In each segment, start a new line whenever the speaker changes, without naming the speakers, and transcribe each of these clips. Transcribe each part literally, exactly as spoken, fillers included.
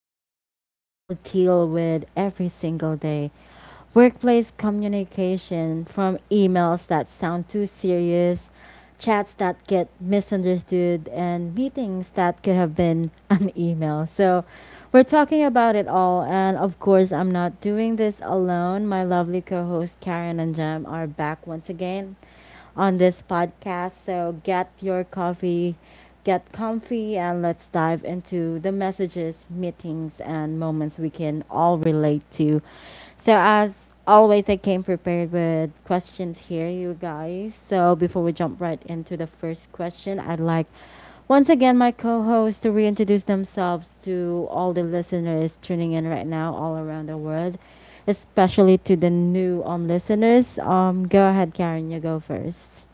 something we all deal with every single day: workplace communication, from emails that sound too serious, chats that get misunderstood, and meetings that could have been an email. So, we're talking about it all, and of course, I'm not doing this alone. My lovely co host Karen and Jam are back once again on this podcast. So get your coffee, get comfy, and let's dive into the messages, meetings, and moments we can all relate to. So, as always, I came prepared with questions here, you guys. So, before we jump right into the first question, I'd like once again, my co hosts to reintroduce themselves to all the listeners tuning in right now all around the world, especially to the new um, listeners. Um, go ahead, Karen, you go first.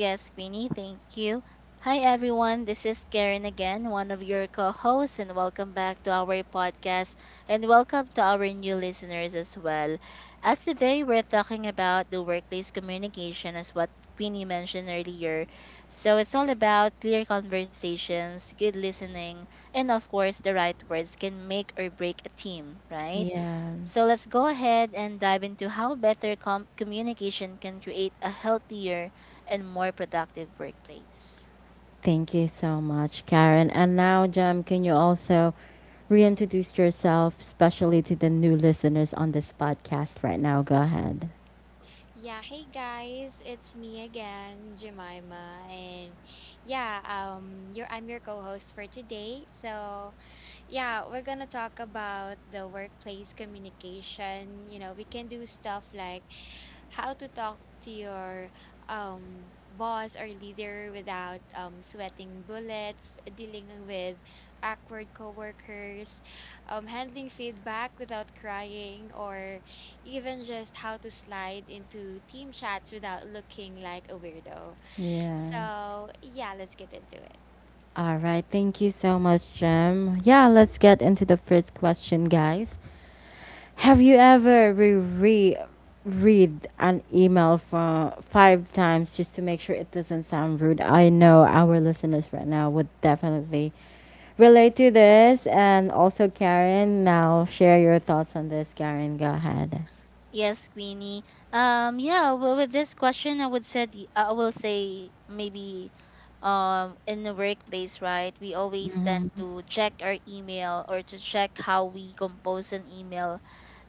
Yes, Queenie, thank you. Hi, everyone. This is Karen again, one of your co hosts, and welcome back to our podcast. And welcome to our new listeners as well, as today we're talking about the workplace communication, as what Queenie mentioned earlier. So it's all about clear conversations, good listening, and of course, the right words can make or break a team, right?
Yeah.
So let's go ahead and dive into how better com- communication can create a healthier and more productive workplace.
Thank you so much, Karen. And now, Jem, can you also reintroduce yourself, especially to the new listeners on this podcast right now? Go ahead.
Yeah, Hey guys, it's me again, Jemima, and yeah, um, you're I'm your co-host for today. So, yeah, we're gonna talk about the workplace communication. You know, we can do stuff like how to talk to your um boss or leader without um sweating bullets, dealing with awkward coworkers, um handling feedback without crying, or even just how to slide into team chats without looking like a weirdo.
Yeah.
So yeah, let's get into it.
All right. Thank you so much, Jem. Yeah, let's get into the first question, guys. Have you ever re read an email for five times just to make sure it doesn't sound rude? I know our listeners right now would definitely relate to this. And also, Karen, now share your thoughts on this. Karen, go ahead.
Yes, Queenie. Um, yeah. Well, with this question, I would said y- I will say maybe, um, in the workplace, right? We always tend
Mm-hmm.
to check our email or to check how we compose an email,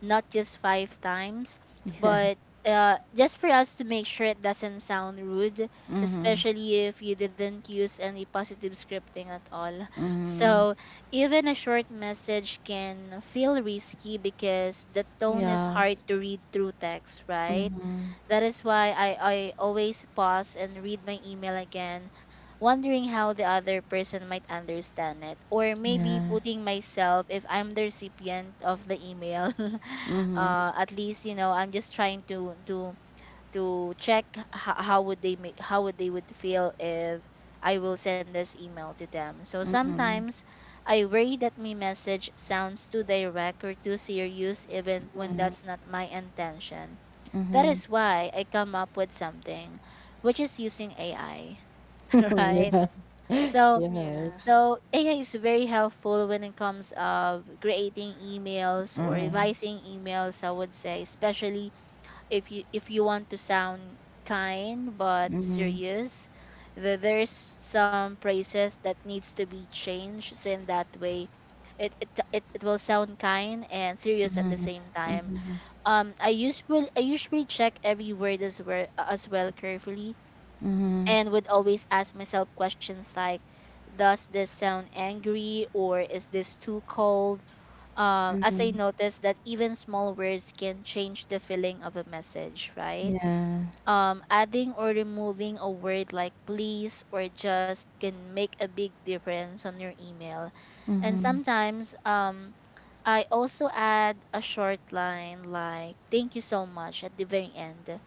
not just five times, but uh, just for us to make sure it doesn't sound rude, especially if you didn't use any positive scripting at all.
Mm-hmm.
So even a short message can feel risky because the tone is
Yeah.
hard to read through text, right?
Mm-hmm.
That is why I, I always pause and read my email again, wondering how the other person might understand it, or maybe
Yeah.
putting myself, if I'm the recipient of the email,
Mm-hmm.
uh, at least, you know, I'm just trying to, to to check how, how would they make how would they would feel if I will send this email to them. So
Mm-hmm.
sometimes I worry that my message sounds too direct or too serious even when that's not my intention. That is why I come up with something which is using A I, right?
Yeah.
So
You're right.
Yeah.
so A I is very helpful when it comes of creating emails or revising emails, I would say, especially if you if you want to sound kind but
Mm-hmm.
serious. The, there's some phrases that needs to be changed, so in that way it, it it it will sound kind and serious at the same time. Um, i usually i usually check every word as well as well carefully
Mm-hmm.
and would always ask myself questions like, does this sound angry, or is this too cold? Um, as I
Mm-hmm.
noticed that even small words can change the feeling of a message, right?
Yeah.
Um, adding or removing a word like please or just can make a big difference on your email. And sometimes um, I also add a short line like thank you so much at the very end,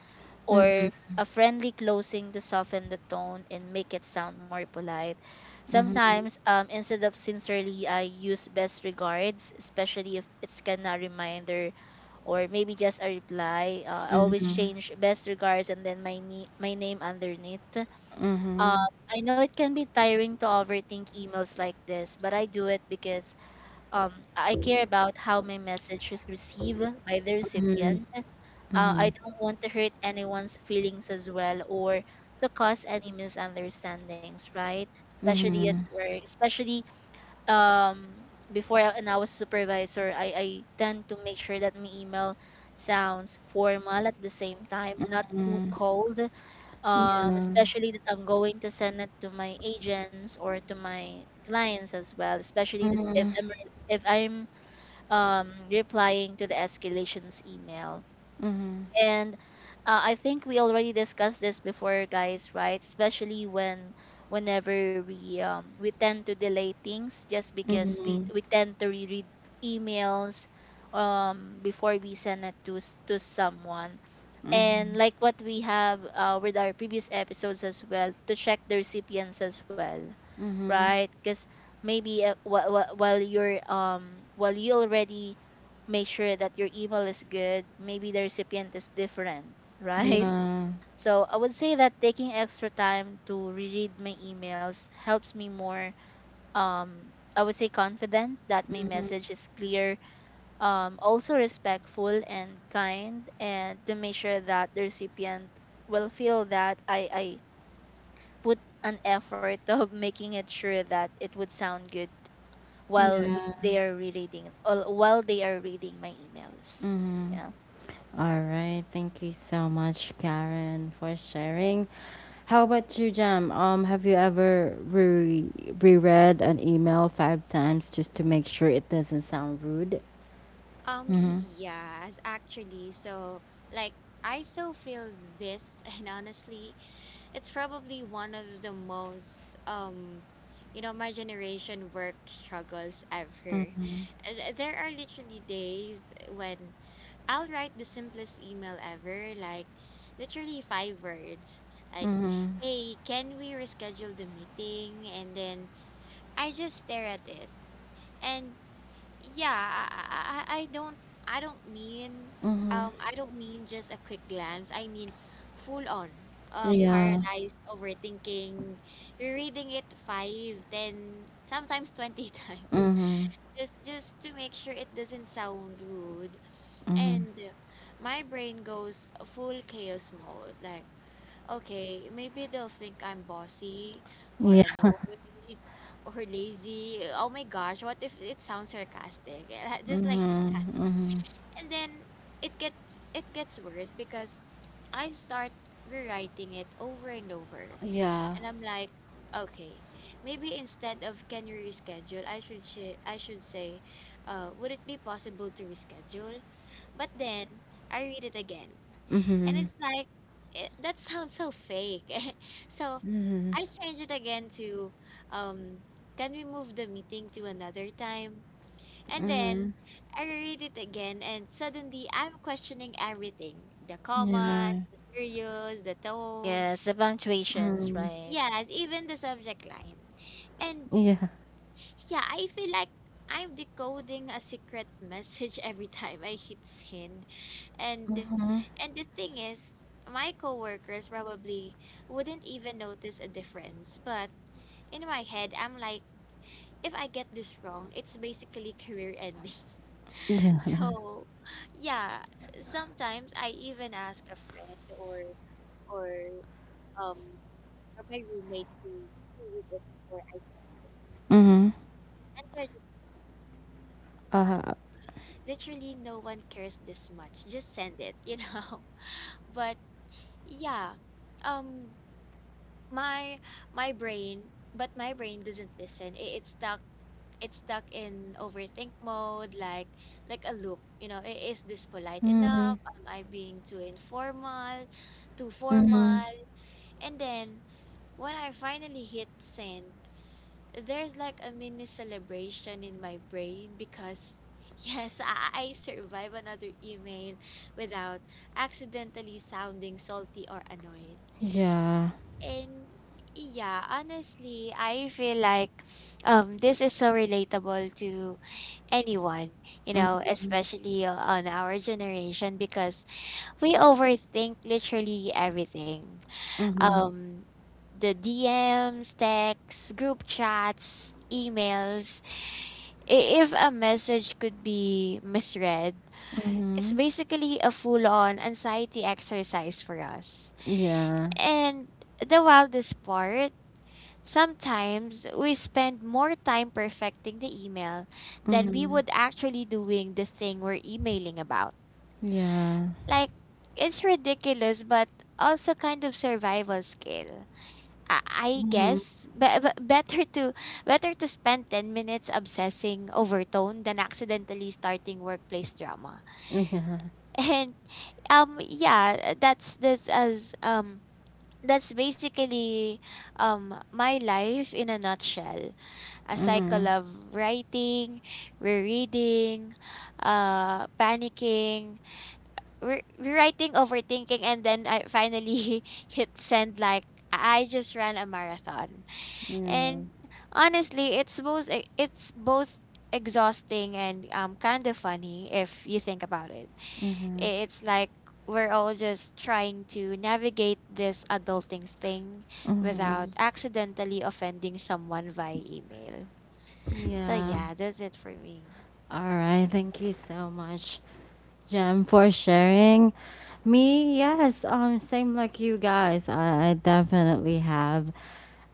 or a friendly closing to soften the tone and make it sound more polite. Sometimes um, instead of sincerely, I use best regards, especially if it's kind of reminder or maybe just a reply. Uh, I always change best regards and then my ni- my name underneath. Um,
Mm-hmm.
I know it can be tiring to overthink emails like this, but I do it because um, I care about how my message is received by the recipient. Uh, I don't want to hurt anyone's feelings as well, or to cause any misunderstandings, right? Especially at work, especially um before I- and I was supervisor, I I tend to make sure that my email sounds formal at the same time, not too cold. Um,
Yeah.
especially that I'm going to send it to my agents or to my clients as well. Especially that if
Mm-hmm.
I'm re- if I'm um replying to the escalations email. And uh, I think we already discussed this before, guys, right, especially when whenever we um we tend to delay things just because we
Mhm.
we tend to reread emails um before we send it to s- to someone. And like what we have uh, with our previous episodes as well, to check the recipients as well,
Mm-hmm.
right? Because maybe uh, wh- wh- while you're um while you already make sure that your email is good, maybe the recipient is different, right?
Yeah.
So I would say that taking extra time to reread my emails helps me more, um, I would say confident that my message is clear, um, also respectful and kind, and to make sure that the recipient will feel that I I put an effort of making it sure that it would sound good while re-
Yeah.
they are reading, or while they are reading my emails.
Mm-hmm.
Yeah.
All right. Thank you so much, Karen, for sharing. How about you, Jam? Um, have you ever re- reread an email five times just to make sure it doesn't sound rude?
Um,
Mm-hmm.
yes, actually. So, like, I still feel this, and honestly, it's probably one of the most, um, you know, my generation work struggles ever. Uh, th- There are literally days when I'll write the simplest email ever, like literally five words, like, hey, can we reschedule the meeting? And then I just stare at it. And yeah, I I I don't I don't mean um I don't mean just a quick glance. I mean full on, uh
Yeah.
paralyzed overthinking, reading it five, ten, sometimes twenty times
Mm-hmm.
just just to make sure it doesn't sound rude. And my brain goes full chaos mode, like okay, maybe they'll think I'm bossy or
Yeah.
annoyed or lazy. Oh my gosh, what if it sounds sarcastic? Just like that.
Mm-hmm.
And then it get it gets worse because I start rewriting it over and over.
Yeah.
And I'm like, okay, maybe instead of can you reschedule, I should sh- I should say, uh, would it be possible to reschedule? But then I read it again, and
Mm-hmm.
it's like it, that sounds so fake. So
Mm-hmm.
I change it again to, um, can we move the meeting to another time? And
Mm-hmm.
then I read it again, and suddenly I'm questioning everything: the commas,
Yeah.
the periods, the tone.
Yes, the punctuations,
Mm-hmm.
right?
Yes, even the subject line. And
Yeah.
yeah, I feel like I'm decoding a secret message every time I hit send. And
Mhm.
and the thing is, my coworkers probably wouldn't even notice a difference, but in my head, I'm like, if I get this wrong, it's basically career ending.
Yeah.
So, yeah, sometimes I even ask a friend or or um or my roommate to, to read it before.
Mm-hmm.
Yeah, just demand.
Uh,
Literally, no one cares this much. Just send it, you know. But yeah, um, my my brain, but my brain doesn't listen. It, it's stuck. It's stuck in overthink mode, like like a loop. You know, i- is this polite enough?
Mhm.
Am I being too informal, too formal?
Mhm.
And then when I finally hit send, there's like a mini celebration in my brain because yes, I, I survived another email without accidentally sounding salty or annoyed.
Yeah.
And yeah, honestly, I feel like um this is so relatable to anyone, you
Mm,
know, especially on our generation because we overthink literally everything.
mhm.
Um the D Ms, texts, group chats, emails, i- if a message could be misread, it's
Mhm.
basically a full on anxiety exercise for us.
Yeah.
And the wildest part, sometimes we spend more time perfecting the email than we
Mhm.
would actually doing the thing we're emailing about.
Yeah.
Like, it's ridiculous, but also kind of survival skill. I I
Mhm.
guess be- be- better to better to spend ten minutes obsessing over tone than accidentally starting workplace drama.
Yeah.
And um yeah, uh, that's this as um that's basically um my life in a nutshell. A cycle
Mhm.
of writing, rereading, uh panicking, re- rewriting, overthinking and then I finally hit send like I just ran a marathon.
Yeah.
And honestly, it's both e- it's both exhausting and um kind of funny if you think about it.
Mhm.
I- It's like we're all just trying to navigate this adulting thing without
Mhm.
accidentally offending someone via email. So
Yeah.
yeah, that's it for me.
All right. Thank you so much, Jem, for sharing. Me, yes. Um, same like you guys. I, I definitely have.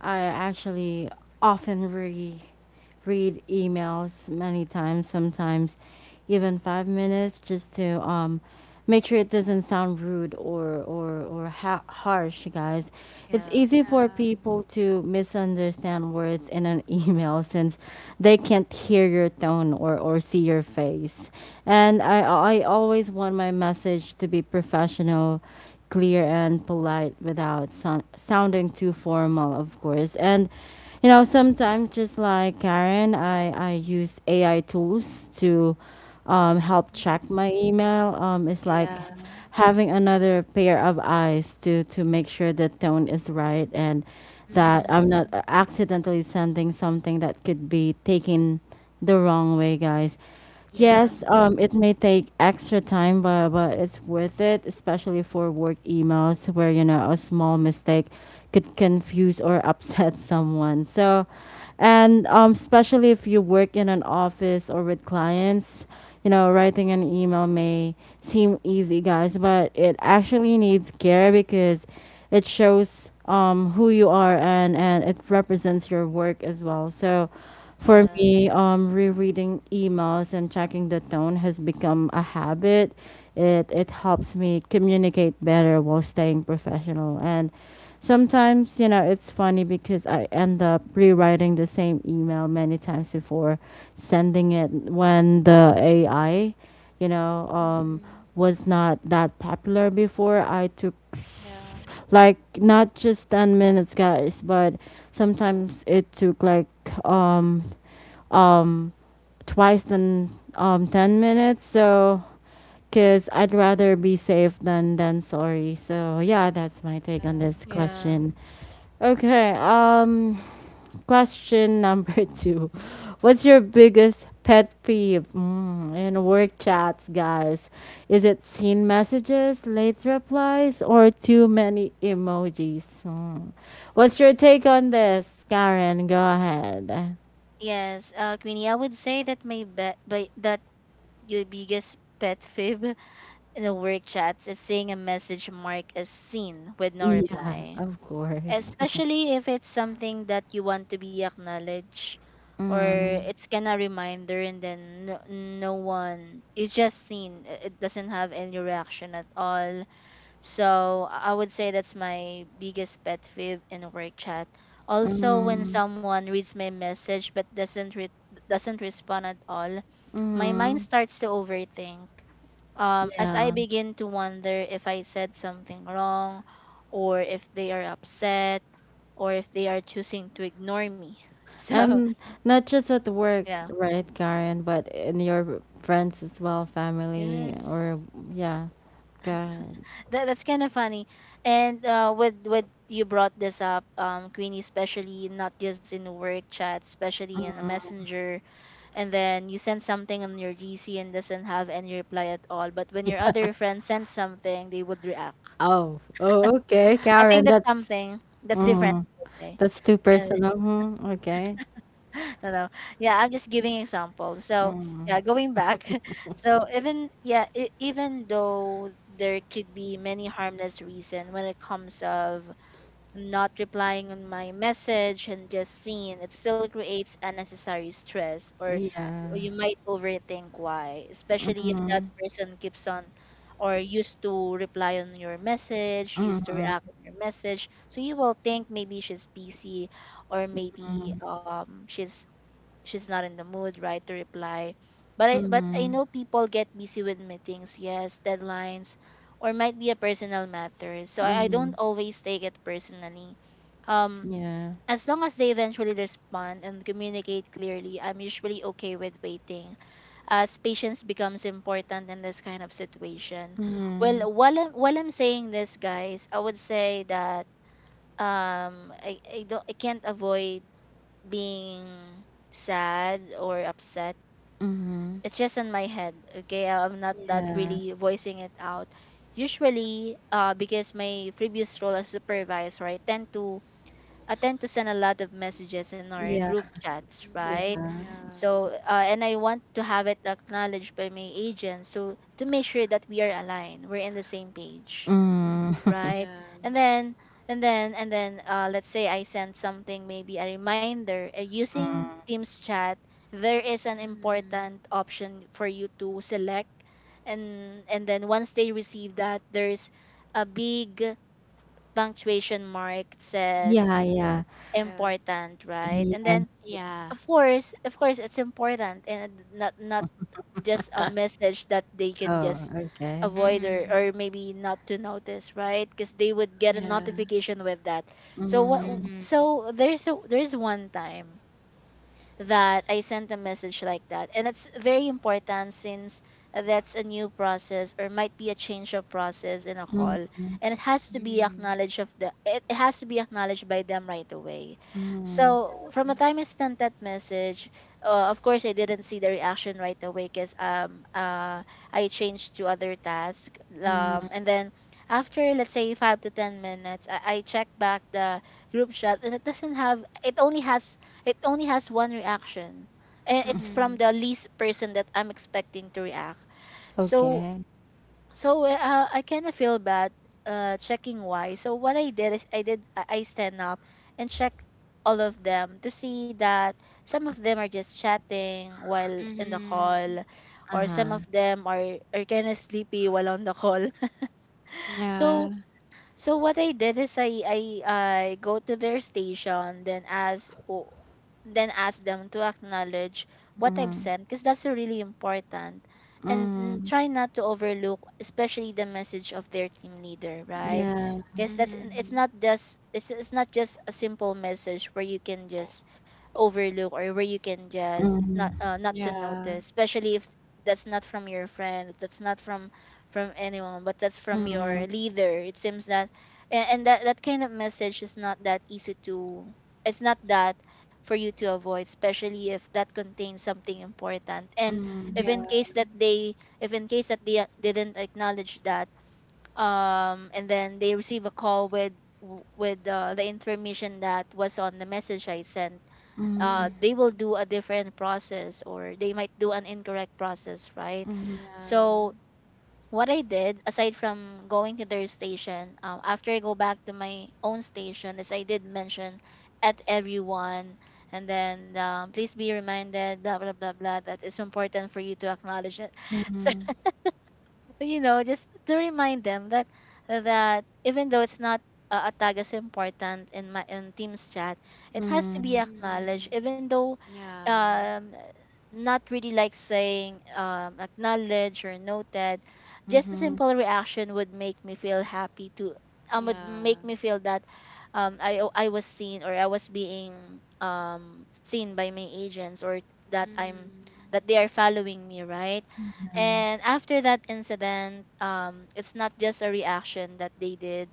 I actually often read read emails many times, sometimes even five minutes, just to um, make sure it doesn't sound rude or or or ha- harsh, guys. It's
Yeah.
easy for
Yeah.
people to misunderstand words in an email since they can't hear your tone or or see your face. And I I always want my message to be professional, clear and polite without sou- sounding too formal, of course. And you know,
Yeah.
sometimes just like Karen, I I use A I tools to um, help check my
Mhm.
email. Um, it's like
Yeah.
having another pair of eyes to to make sure the tone is right and that
Hmm.
I'm not accidentally sending something that could be taken the wrong way, guys.
Yeah.
Yeah.
Yes, um, it may take extra time, but but it's worth it, especially for work emails where you know a small mistake could confuse or upset someone. So, and um, especially if you work in an office or with clients, you know, writing an email may seem easy, guys, but it actually needs care because it shows um, who you are and and it represents your work as well. So for
Yeah.
me, um, rereading emails and checking the tone has become a habit. It it helps me communicate better while staying professional. And sometimes, you know, it's funny because I end up rewriting the same email many times before sending it when the A I, you know, um,
Hmm.
was not that popular before. I took
Yeah.
like not just ten minutes guys but sometimes it took like um um, twice than um, ten minutes. So, because I'd rather be safe than, than sorry. So, yeah, that's my take on
Yeah.
this
Yeah.
question. Okay, um, question number two. What's your biggest pet peeve mm, in work chats, guys? Is it seen messages, late replies, or too many emojis? Mm. What's your take on this, Karen? Go ahead.
Yes, uh, Queenie, I would say that my be- by that your biggest pet fib in the work chats is seeing a message marked as seen with no
Yeah,
reply,
of course.
especially if it's something that you want to be acknowledged, or
Mm,
it's kinda reminder, and then no, no one is just seen, i- it doesn't have any reaction at all. So i I would say that's my biggest pet peeve in work chat. Also, when
mhm,
someone reads my message but doesn't re- doesn't respond at all, my mind
mhm.
starts to overthink. Um, as I
Yeah.
begin to wonder if I said something wrong, or if they are upset, or if they are choosing to ignore me. So
And not just at work,
yeah,
right, Karen, but in your friends as well, family, or
yes,
yeah, Karen.
that, that's kind of funny. And uh, with with you brought this up, um, Queenie, especially not just in the work chat, especially in the messenger, and then you send something on your G C and doesn't have any reply at all. But when your other friend sends something, they would react.
Oh, oh, okay,
I think
Karen,
that's
that's
something that's different,
mm,
I would
that's too
say.
personal. hmm Okay.
No, no. Yeah, I'm just giving example. So
Mm,
yeah, going back. So even yeah, e- even though there could be many harmless reason when it comes of not replying on my message and just seeing, it still creates unnecessary stress, or
yeah.
y- you might overthink why, especially if
Mm-hmm.
that person keeps on or used to reply on your message, used to
Mm-hmm.
react on your message. So you will think, maybe she's busy, or maybe um she's she's not in the mood, right, to reply. But I but I
Mm-hmm.
know people get busy with meetings, yes, deadlines, or might be a personal matter. So I, I
Mm-hmm.
don't always take it personally. Um,
Yeah.
as long as they eventually respond and communicate clearly, I'm usually okay with waiting, as patience becomes important in this kind of situation.
Mm-hmm.
Well, while I'm, while I'm saying this, guys, I would say that um, I, I don't I can't avoid being sad or upset.
Mm-hmm.
It's just in my head. Okay, I'm not that
Yeah.
really voicing it out. Usually, uh, because my previous role as supervisor, I tend to I tend to send a lot of messages in our
Yeah.
group chats, right?
Hmm.
Yeah.
Yeah.
So, uh, and I want to have it acknowledged by my agent, so to make sure that we are aligned, we're in the same page,
Hmm.
Mm.
right?
Yeah.
and then and then and then uh, Let's say I sent something, maybe a reminder, uh, using Teams chat. There is an
Hmm.
important option for you to select, and and then once they receive that, there's a big punctuation mark that
Yeah,
says
Mhm.
yeah.
Yeah.
important, right? And
Yes,
then
Yeah.
of
yes.
course, of course it's important, and not not just a message that they can
Oh,
just
okay.
avoid, or, or
Mhm.
maybe not to notice, right, because they would get a
Yeah.
notification with that. So what
Mhm,
Mhm.
so there's a there's one time that I sent a message like that, and it's very important, since that's a new process or might be a change of process in a
mm,
call, and it has to be
Mhm.
acknowledged of the it it has to be acknowledged by them right away.
mm,
So from the time I sent that message, uh, of course I didn't see the reaction right away, because um uh I changed to other task. Um,
mm.
and then after let's say five to ten minutes, I, I check back the group chat, and it doesn't have it only has it only has one reaction, and it's from
Mhm.
the least person that I'm expecting to react. So,
Okay.
so uh, I kind of feel bad, uh, checking why. So what I did is I did I I stand up and check all of them to see that some of them are just chatting while in the
Mhm.
call, or some
Uh-huh.
of them are are kind of sleepy while on the call. So
Yeah.
so what I did is I I I go to their station, then ask o- then ask them to acknowledge what I've
Mhm,
sent, because that's really important. And mm,
mhm.
try not to overlook, especially the message of their team leader, right?
Yeah.
Because that's n- it's
Mhm.
not just, it's it's not just a simple message where you can just overlook, or where you can just not
Mhm,
uh, not to
Yeah.
notice, especially if that's not from your friend, that's not from from anyone, but that's from
mhm,
your leader. It seems that, and, and that that kind of message is not that easy to, it's not that for you to avoid, especially if that contains something important. And
mhm,
if
Yeah.
in case that they if in case that they didn't acknowledge that, um and then they receive a call with w- with uh, the information that was on the message I sent,
Mhm.
uh,
mhm,
they will do a different process or they might do an incorrect process, right?
Yeah.
So what I did, aside from going to their station, um, after I go back to my own station, as I did mention, at everyone, and then um, please be reminded, blah blah blah blah, that it's important for you to acknowledge it. So
mhm,
but, you know, just to remind them that that even though it's not uh, a tag as important in my in Teams chat, it
mhm,
has
mhm,
to be
mhm,
acknowledged.
Mhm.
Even though,
Yeah.
um, not really like saying um acknowledge or noted, just a
yeah.
simple reaction would make me feel happy to um would make
Yeah.
me feel that um I o- I was seen or I was being um seen by my agents or that I'm
Mhm.
that they are following me, right? And after that incident, um, it's not just a reaction that they did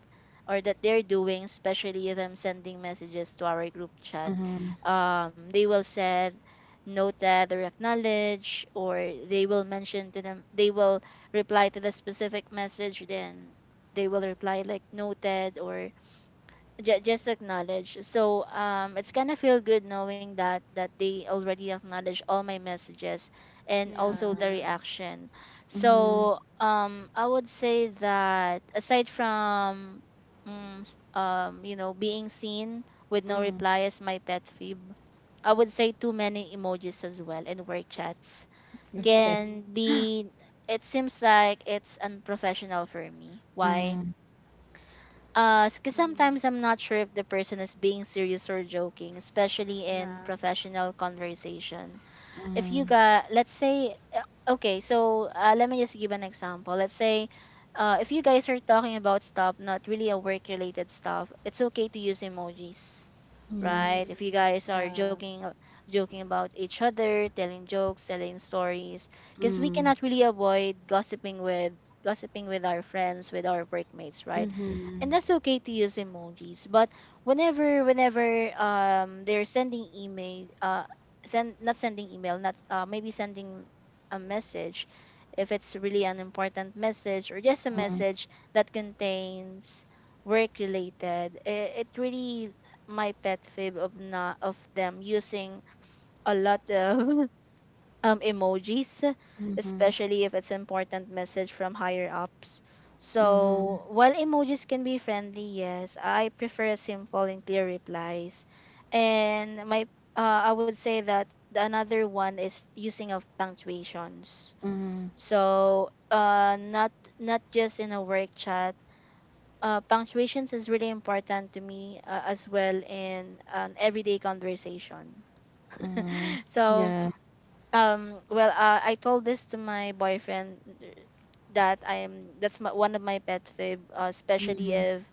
or that they're doing, especially them sending messages to our group chat.
Mhm,
Um, they will said, noted or acknowledge, or they will mention to them, they will reply to the specific message, then they will reply like noted or ju- just acknowledge. So um it's gonna feel good knowing that that they already acknowledge all my messages and also the
Yeah.
reaction.
mhm,
So um I would say that aside from mm, s- um you know being seen with no
mhm.
reply as my pet peeve, I would say too many emojis as well in work chats
Okay.
Mhm.
can be, it seems like it's unprofessional for me. Why?
Mhm,
Uh, because
Mhm.
sometimes I'm not sure if the person is being serious or joking, especially in
Yeah.
professional conversation. If you
mhm.
got, let's say uh, okay so uh, let me just give an example. Let's say, uh, if you guys are talking about stuff not really a work related stuff, it's okay to use emojis, right?
Yes.
If you
Mhm.
guys are
Yeah.
joking a- joking about each other, telling jokes, telling stories, because we
Mm.
cannot really avoid gossiping with gossiping with our friends, with our workmates, right?
Mhm,
And that's okay to use emojis. But whenever whenever um they're sending email, uh send not sending email, not uh, maybe sending a message, if it's really an important message or just a message that contains work related, it, it really my pet fib of not of them using a lot of um emojis,
mhm,
especially if it's important message from higher ups.
mhm,
So while emojis can be friendly, yes, I prefer simple and clear replies. And my uh, I would say that the another one is using of punctuations.
mhm,
So uh not not just in a work chat. Uh, punctuations is really important to me uh, as well in an everyday conversation.
mhm.
So
Yeah.
um well uh, I told this to my boyfriend, uh, that I am that's my, one of my pet fib, uh, especially
Mhm.
if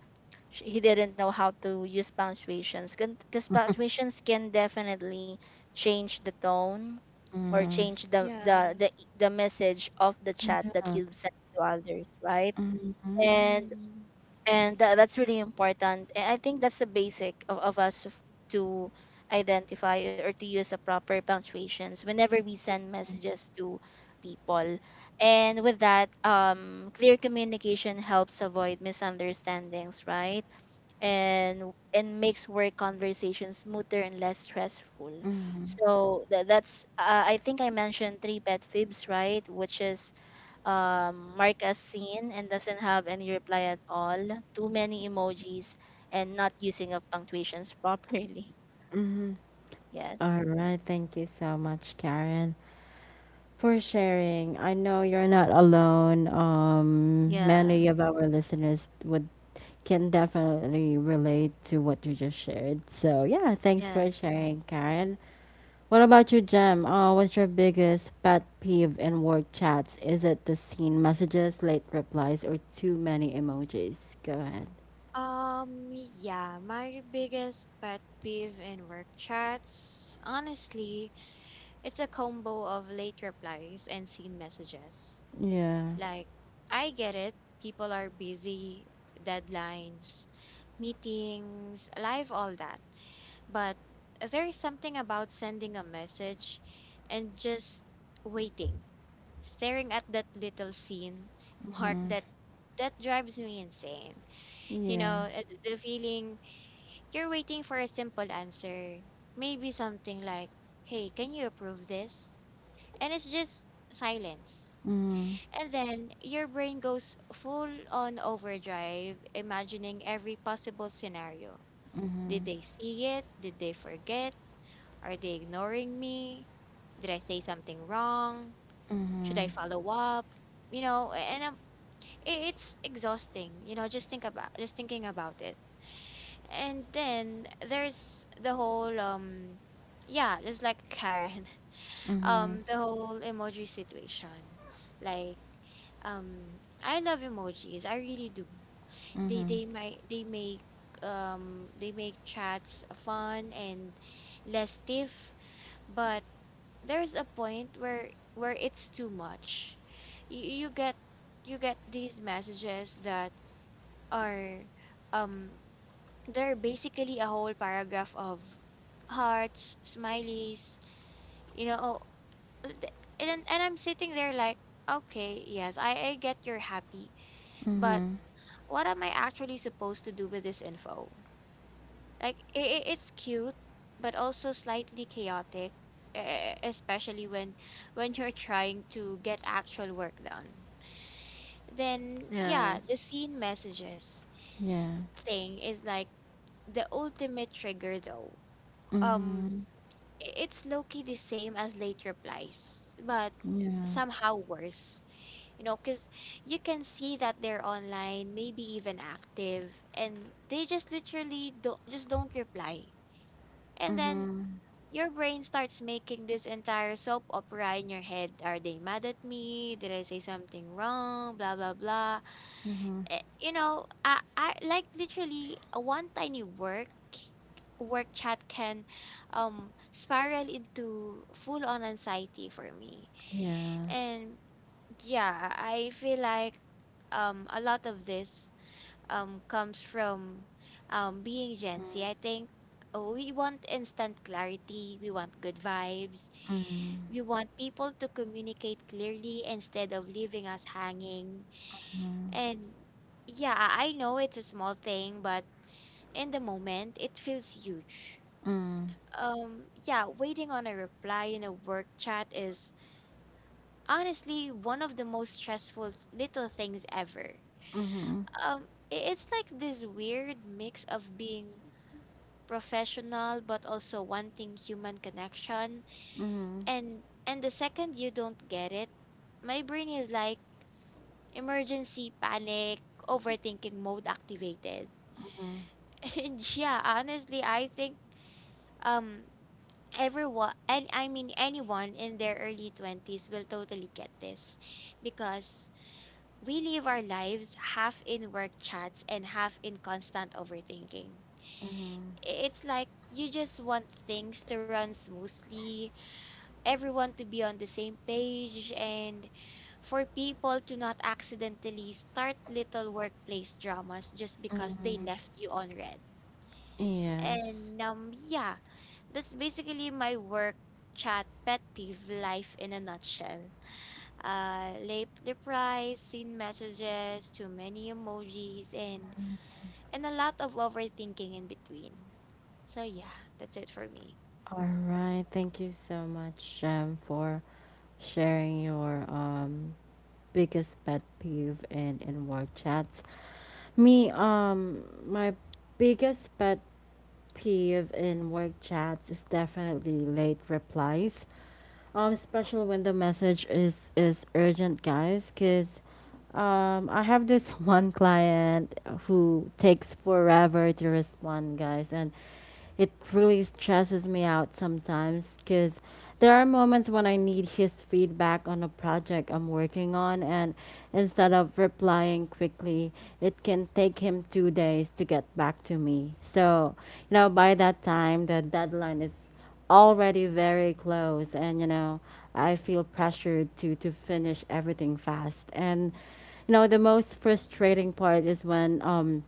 sh- he didn't know how to use punctuations, because punctuations can definitely change the tone or
Mhm.
change the
Yeah.
the the, the message of the chat that
Yeah.
you send to others, right?
Mm-hmm.
and
Mhm.
and tha- that's really important. And I think that's the basic of, of us f- to identify or to use a proper punctuations whenever we send messages to people. And with that, um clear communication helps avoid misunderstandings, right? And and makes work conversations smoother and less stressful.
Mm-hmm.
So tha- that's uh, I think I mentioned three pet fibs, right? Which is um, mark as seen and doesn't have any reply at all, too many emojis, and not using of punctuations properly.
All
Yes.
right. Thank you so much, Karen, for sharing. I know you're not alone. Um,
Yeah.
many of our listeners would can definitely relate to what you just shared. So yeah, thanks for
Yes.
sharing, Karen. What about you, Jem? Uh, what's your biggest pet peeve in work chats? Is it the seen messages, late replies, or too many emojis? Go ahead.
Um, yeah, my biggest pet peeve in work chats, honestly, it's a combo of late replies and seen messages.
Yeah.
Like, I get it, people are busy, deadlines, meetings, live, all that. But there's something about sending a message and just waiting, staring at that little scene mark that that drives me insane. you
Yeah.
know uh, the feeling you're waiting for a simple answer. Maybe something like, hey, can you approve this? And it's just silence.
Mm-hmm.
And then your brain goes full on overdrive, imagining every possible scenario. Did they see it? Did they forget? Are they ignoring me? Did I say something wrong? Should I
Mm-hmm.
follow up? You know, and um, i- it's exhausting. You know, just think about just thinking about it. And then there's the whole um yeah, just like Karen.
Mm-hmm.
Um the whole emoji situation. Like um I love emojis. I really do. They
Mhm.
they might they make um they make chats fun and less stiff, but there's a point where where it's too much. You, you get you get these messages that are um they're basically a whole paragraph of hearts, smileys, you know, oh, uh, th- and then- and I'm sitting there like, okay, yes, I, I get you're happy, but
Mhm.
what am I actually supposed to do with this info? Like, it it's cute, but also slightly chaotic, e- e, especially when when you're trying to get actual work done. Then yeah,
Yes.
the scene messages
Yeah.
thing is like the ultimate trigger though. Um
Mhm.
i- it's low key the same as late replies, but
Yeah.
somehow worse. You know, because you can see that they're online, maybe even active, and they just literally don't just don't reply. And then
Mhm.
your brain starts making this entire soap opera in your head. Are they mad at me? Did I say something wrong? Blah blah blah
Mhm.
eh, you know, I, I like literally uh, one tiny work work chat can um spiral into full on anxiety for me.
Yeah.
And yeah, I feel like um a lot of this um comes from um being Gen Z. I think uh, we want instant clarity, we want good vibes, we want people to communicate clearly instead of leaving us hanging and yeah, I I know it's a small thing, but in the moment, it feels huge.
Mm.
Um, yeah, waiting on a reply in a work chat is honestly one of the most stressful little things ever.
Mhm.
Um, i- it's like this weird mix of being professional but also wanting human connection.
Mhm.
And and the second you don't get it, my brain is like emergency panic, overthinking mode activated. And yeah, honestly, I think um everyone and I mean anyone in their early twenties will totally get this because we live our lives half in work chats and half in constant overthinking.
Mhm.
I- It's like you just want things to run smoothly, everyone to be on the same page, and for people to not accidentally start little workplace dramas just because they
Mhm.
left you on red.
Yes.
And um yeah, that's basically my work chat pet peeve life in a nutshell. Uh late replies, seen messages, too many emojis and and a lot of overthinking in between. So yeah, that's it for me.
All right. Thank you so much, um, for sharing your um biggest pet peeve in in war chats. Me, um, my biggest pet peeve in work chats is definitely late replies, um especially when the message is is urgent guys because um I have this one client who takes forever to respond guys and it really stresses me out sometimes because there are moments when I need his feedback on a project I'm working on and instead of replying quickly it can take him two days to get back to me. So you know by that time the deadline is already very close and you know I feel pressured to to finish everything fast. And you know the most frustrating part is when um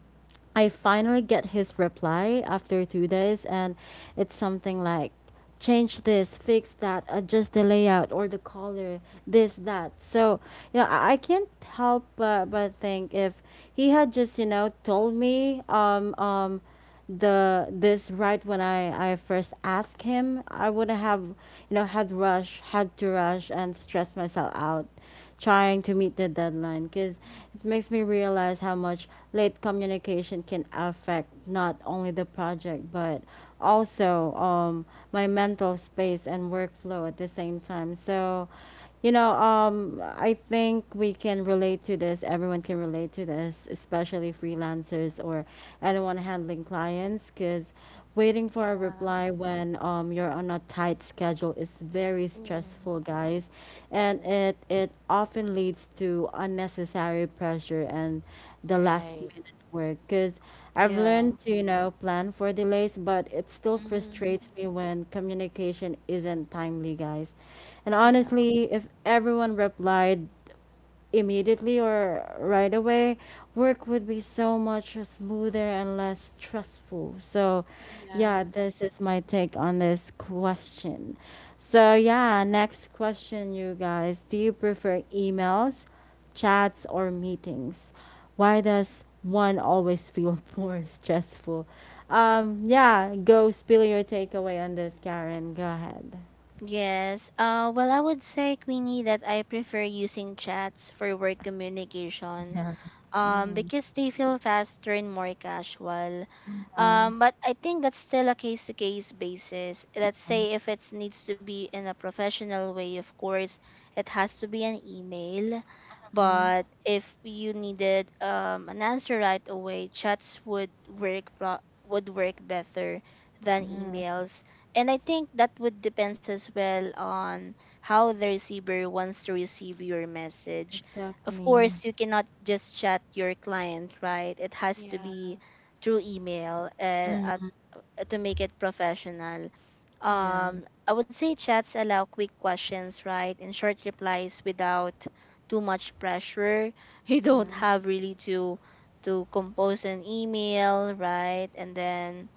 I finally get his reply after two days and it's something like change this, fix that, adjust the layout or the color, this that. So you know i, I can't help but, but think if he had just you know told me um um the this right when I, I first asked him, I would have, you know, had rush, had to rush and stress myself out trying to meet the deadline. Because it makes me realize how much late communication can affect not only the project but also um, my mental space and workflow at the same time. So, you know, um, I think we can relate to this. Everyone can relate to this, especially freelancers or anyone handling clients, because waiting for a
Yeah.
reply when um, you're on a tight schedule is very
Mm,
stressful, guys, and it it often leads to unnecessary pressure and the last
right.
minute work, because I've
Yeah.
learned to, you know, plan for delays, but it still
Mm-hmm.
frustrates me when communication isn't timely, guys. And
Yeah.
honestly, if everyone replied immediately or right away, work would be so much smoother and less stressful. So,
Yeah,
yeah, this is my take on this question. So, yeah, next question, you guys. Do you prefer emails, chats, or meetings? Why does one always feel more stressful? Um, yeah, go spill your takeaway on this, Karen. Go ahead.
Yes. Uh, well, I would say, Queenie, that I prefer using chats for work communication,
Yeah.
um,
Mm-hmm.
because they feel faster and more casual. Um, but I think that's still a case to case basis. Let's say if it needs to be in a professional way, of course, it has to be an email. But if you needed um, an answer right away, chats would work pro- would work better than
Mm-hmm.
emails. And I think that would depends as well on how the receiver wants to receive your message. Of
Exactly.
course, you cannot just chat your client, right? It has to
yeah.
be through email. Uh, uh,
Mhm.
to make it professional.
Yeah.
Um, I would say chats allow quick questions, right? And short replies without too much pressure. You don't
Mhm.
Mm-hmm.
have really to to compose an email, right? And then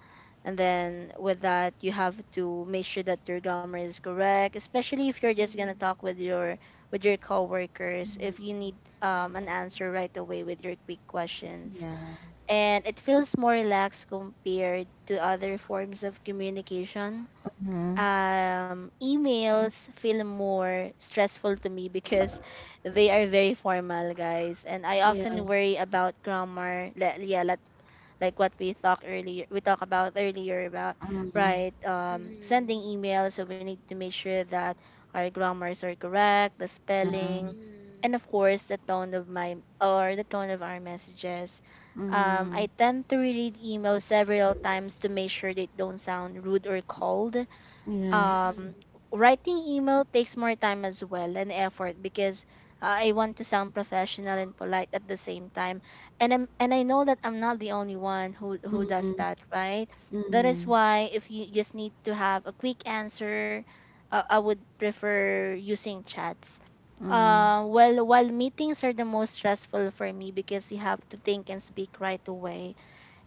and then with that, you have to make sure that your grammar is correct, especially if you're just gonna
Mm-hmm.
talk with your with your coworkers. If you need um, an answer
Mm-hmm.
right away with your quick questions,
Yeah.
and it feels more relaxed compared to other forms of communication.
Mhm.
Um, emails feel more stressful to me because they are very formal, guys, and I often
Yes.
worry about grammar. Like, yeah, let, like what we talked earlier, we talked about earlier about
Mhm.
right, um, sending emails. So we need to make sure that our grammars are correct, the
Yeah.
spelling,
Mm-hmm.
and of course the tone of my or the tone of our messages. Um,
Mhm.
I tend to read emails several times to make sure they don't sound rude or cold.
Yes.
um
Mm-hmm.
Writing email takes more time as well and effort because uh, I want to sound professional and polite at the same time. And I'm and I know that I'm not the only one who who does
Mhm.
that, right? That is
Mhm.
why if you just need to have a quick answer, uh, I would prefer using chats.
Mhm.
Uh, well, while meetings are the most stressful for me because you have to think and speak right away,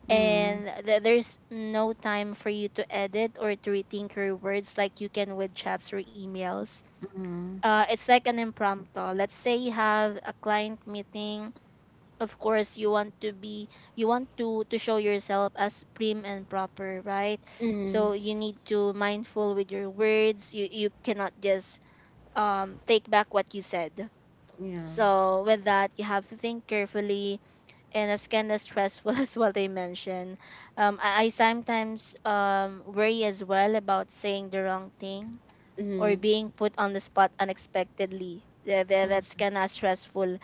Mhm.
and th- there's no time for you to edit or to rethink your words like you can with chats or emails.
Mhm.
Uh, it's like an impromptu. Let's say you have a client meeting. Of course, you want to be, you want to to show yourself as prim and proper, right?
Mhm.
So you need to mindful with your words. You you cannot just um take back what you said.
Yeah.
So with that, you have to think carefully and it's kind of stressful as well they mentioned. um I, I sometimes um worry as well about saying the wrong thing or
Mhm.
being put on the spot unexpectedly. Tha- tha- That's
Mhm.
kind of stressful.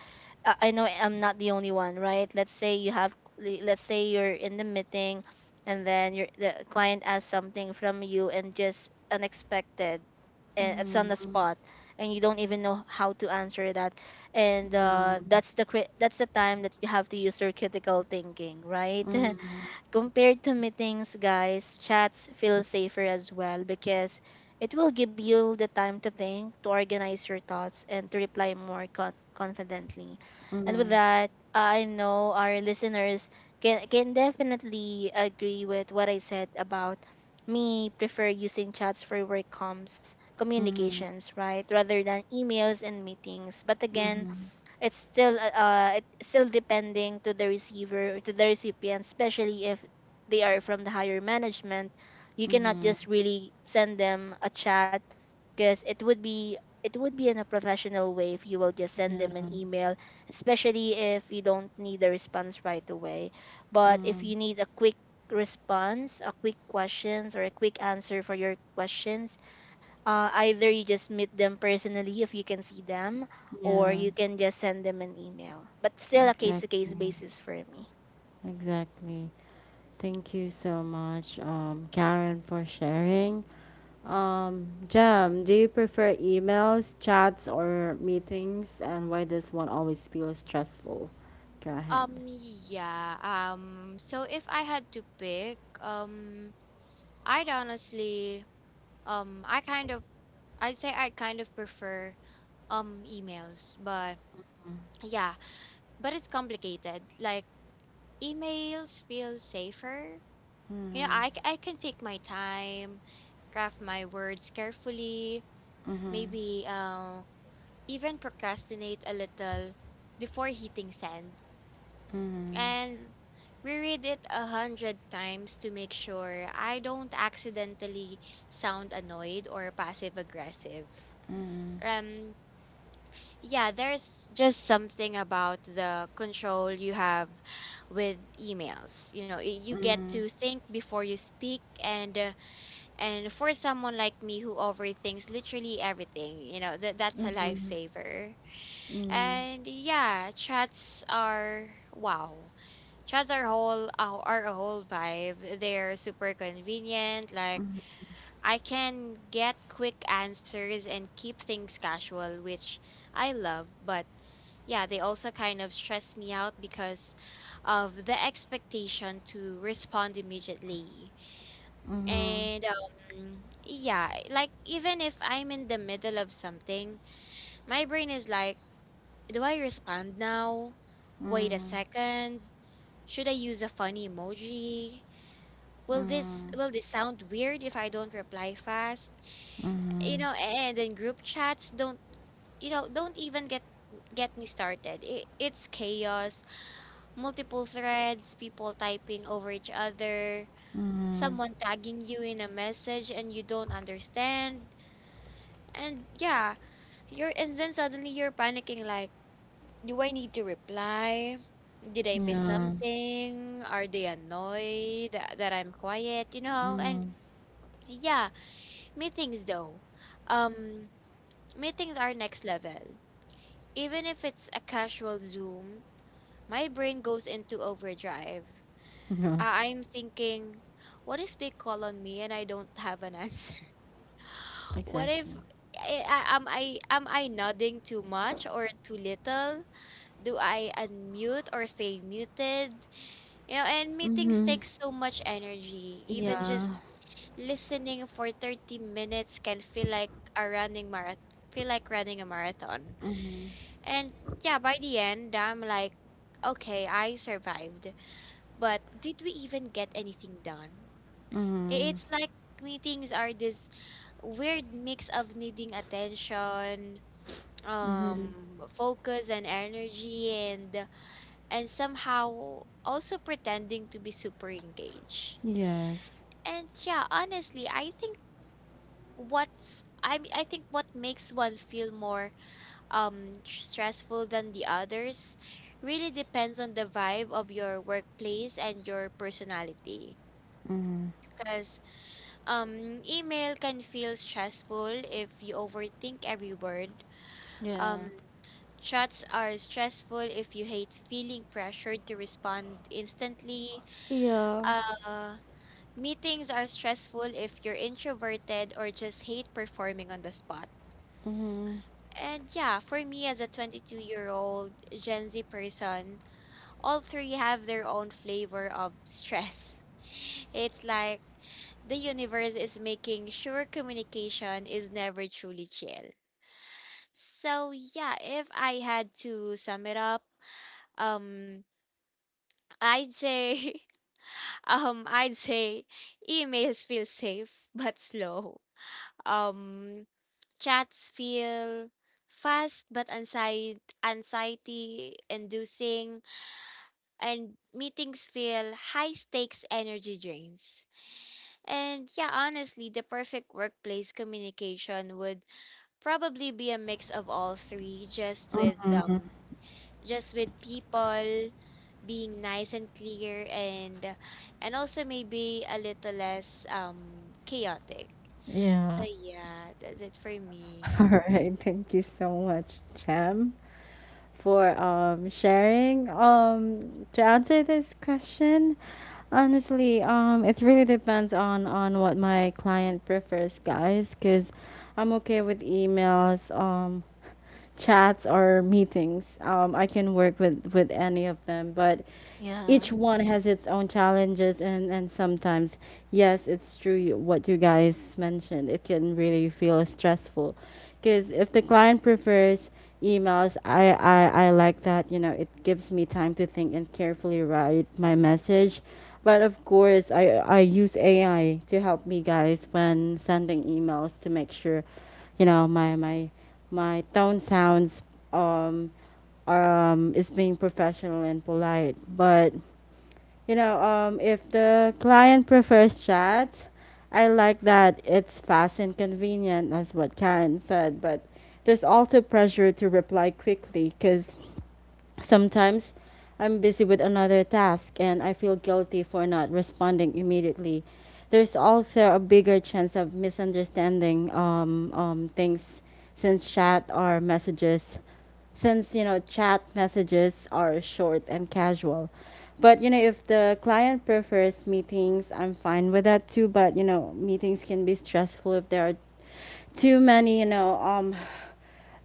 I I know I'm not the only one, right? Let's say you have, let's say you're in the meeting and then your the client asks something from you and just unexpected and it's on the
Mhm.
spot and you don't even know how to answer that. And uh,
Yeah.
that's the cri- that's the time that you have to use your critical thinking, right?
Mhm.
Compared to meetings, guys, chats feel safer as well because it will give you the time to think, to organize your thoughts, and to reply more con- confidently. And with
Mhm.
that, I know our listeners can, can definitely agree with what I said about me prefer using chats for work comms
Mhm.
communications, right? Rather than emails and meetings. But again,
Mhm.
it's still uh uh, it's still depending to the receiver, to the recipient, especially if they are from the higher management. You cannot
Mhm.
just really send them a chat, because it would be, it would be in a professional way if you will just send
Yeah.
them an email, especially if you don't need a response right away. But if
Mm,
you need a quick response, a quick questions or a quick answer for your questions, uh, either you just meet them personally if you can see them, or
yeah,
you can just send them an email. But still a case to case
exactly.
basis for me.
Exactly. Thank you so much, um, Karen, for sharing. Um, Jam, do you prefer emails, chats, or meetings? And why does one always feel stressful? Go ahead.
Um, yeah. Um, so if I had to pick, um, I'd honestly, um, I kind of, I'd say I kind of prefer, um, emails, but yeah, but it's complicated. Like, emails feel safer. You know, I, c- I can take my time, craft my words carefully,
Mm-hmm,
maybe, uh, even procrastinate a little before hitting send and reread it a hundred times to make sure I don't accidentally sound annoyed or passive aggressive. Um, yeah, there's just something about the control you have with emails. You know, y- you get
mm-hmm,
to think before you speak, and uh, and for someone like me who overthinks literally everything, you know, that that's a
mm-hmm,
lifesaver.
mm-hmm,
And yeah, chats are wow. Chats are whole uh, are a whole vibe. They're super convenient. Like I can get quick answers and keep things casual, which I love. But yeah, they also kind of stress me out because of the expectation to respond immediately. And um, yeah, like even if I'm in the middle of something, my brain is like, do I respond now? Wait a second. Should I use a funny emoji? Will this will this sound weird if I don't reply fast? You know, and then group chats don't, you know, don't even get get me started. It, it's chaos, multiple threads, people typing over each other, someone tagging you in a message and you don't understand. And yeah, you're and then suddenly you're panicking like, do I need to reply? Did I
mm-hmm,
miss
mm-hmm. Yeah.
something? Are they annoyed that that I'm quiet, you know? And
Mm-hmm.
yeah, meetings though. Um, Meetings are next level. Even if it's a casual Zoom, my brain goes into overdrive.
Yeah.
I- I'm thinking, what if they call on me and I don't have an answer? What if
Exactly.
I, I, am I am I nodding too much or too little? Do I unmute or stay muted? You know, and meetings
Mm-hmm.
take so much energy, even
Yeah.
just listening for thirty minutes can feel like a running marathon, feel like running a marathon.
Mm-hmm.
And yeah, by the end, I'm like, okay, I survived, but did we even get anything done? I-
Mm-hmm.
It's like meetings are this weird mix of needing attention,
Mm-hmm.
um, focus and energy and and somehow also pretending to be super engaged.
Yes.
And yeah, honestly, I think what's I m- I think what makes one feel more um stressful than the others really depends on the vibe of your workplace and your personality.
Mm-hmm.
Because um email can feel stressful if you overthink every word.
Yeah.
Um Chats are stressful if you hate feeling pressured to respond instantly.
Yeah.
Uh Meetings are stressful if you're introverted or just hate performing on the spot.
Mm-hmm.
And yeah, for me as a twenty-two-year-old Gen Z person, all three have their own flavor of stress. It's like the universe is making sure communication is never truly chill. So yeah, if I had to sum it up, um I'd say um I'd say emails feel safe but slow. Um Chats feel fast but anxiety anxiety inducing and meetings feel high stakes energy drains. And yeah, honestly, the perfect workplace communication would probably be a mix of all three just with um just with people being nice and clear and and also maybe a little less um chaotic. So
Yeah.
yeah, that's it for
All
me.
right. Thank you so much, Jam, for um, sharing. Um, to answer this question, honestly, um, it really depends on on what my client prefers, guys. Cause I'm okay with emails. Um, chats or meetings. Um, I can work with with any of them, but
Yeah.
each one has its own challenges, and and sometimes yes it's true, you- what you guys mentioned, it can really feel stressful. Because if the client prefers emails, I, I i like that, you know, it gives me time to think and carefully write my message. But of course i i use ai to help me guys when sending emails to make sure you know my my my tone sounds um um is being professional and polite. But you know, um if the client prefers chat, I like that it's fast and convenient as what Karen said, but there's also pressure to reply quickly cuz sometimes I'm busy with another task and I feel guilty for not responding immediately. There's also a bigger chance of misunderstanding um, um, things since chat or messages, since you know chat messages are short and casual. But you know if the client prefers meetings, I'm fine with that too. But you know meetings can be stressful if there are too many you know um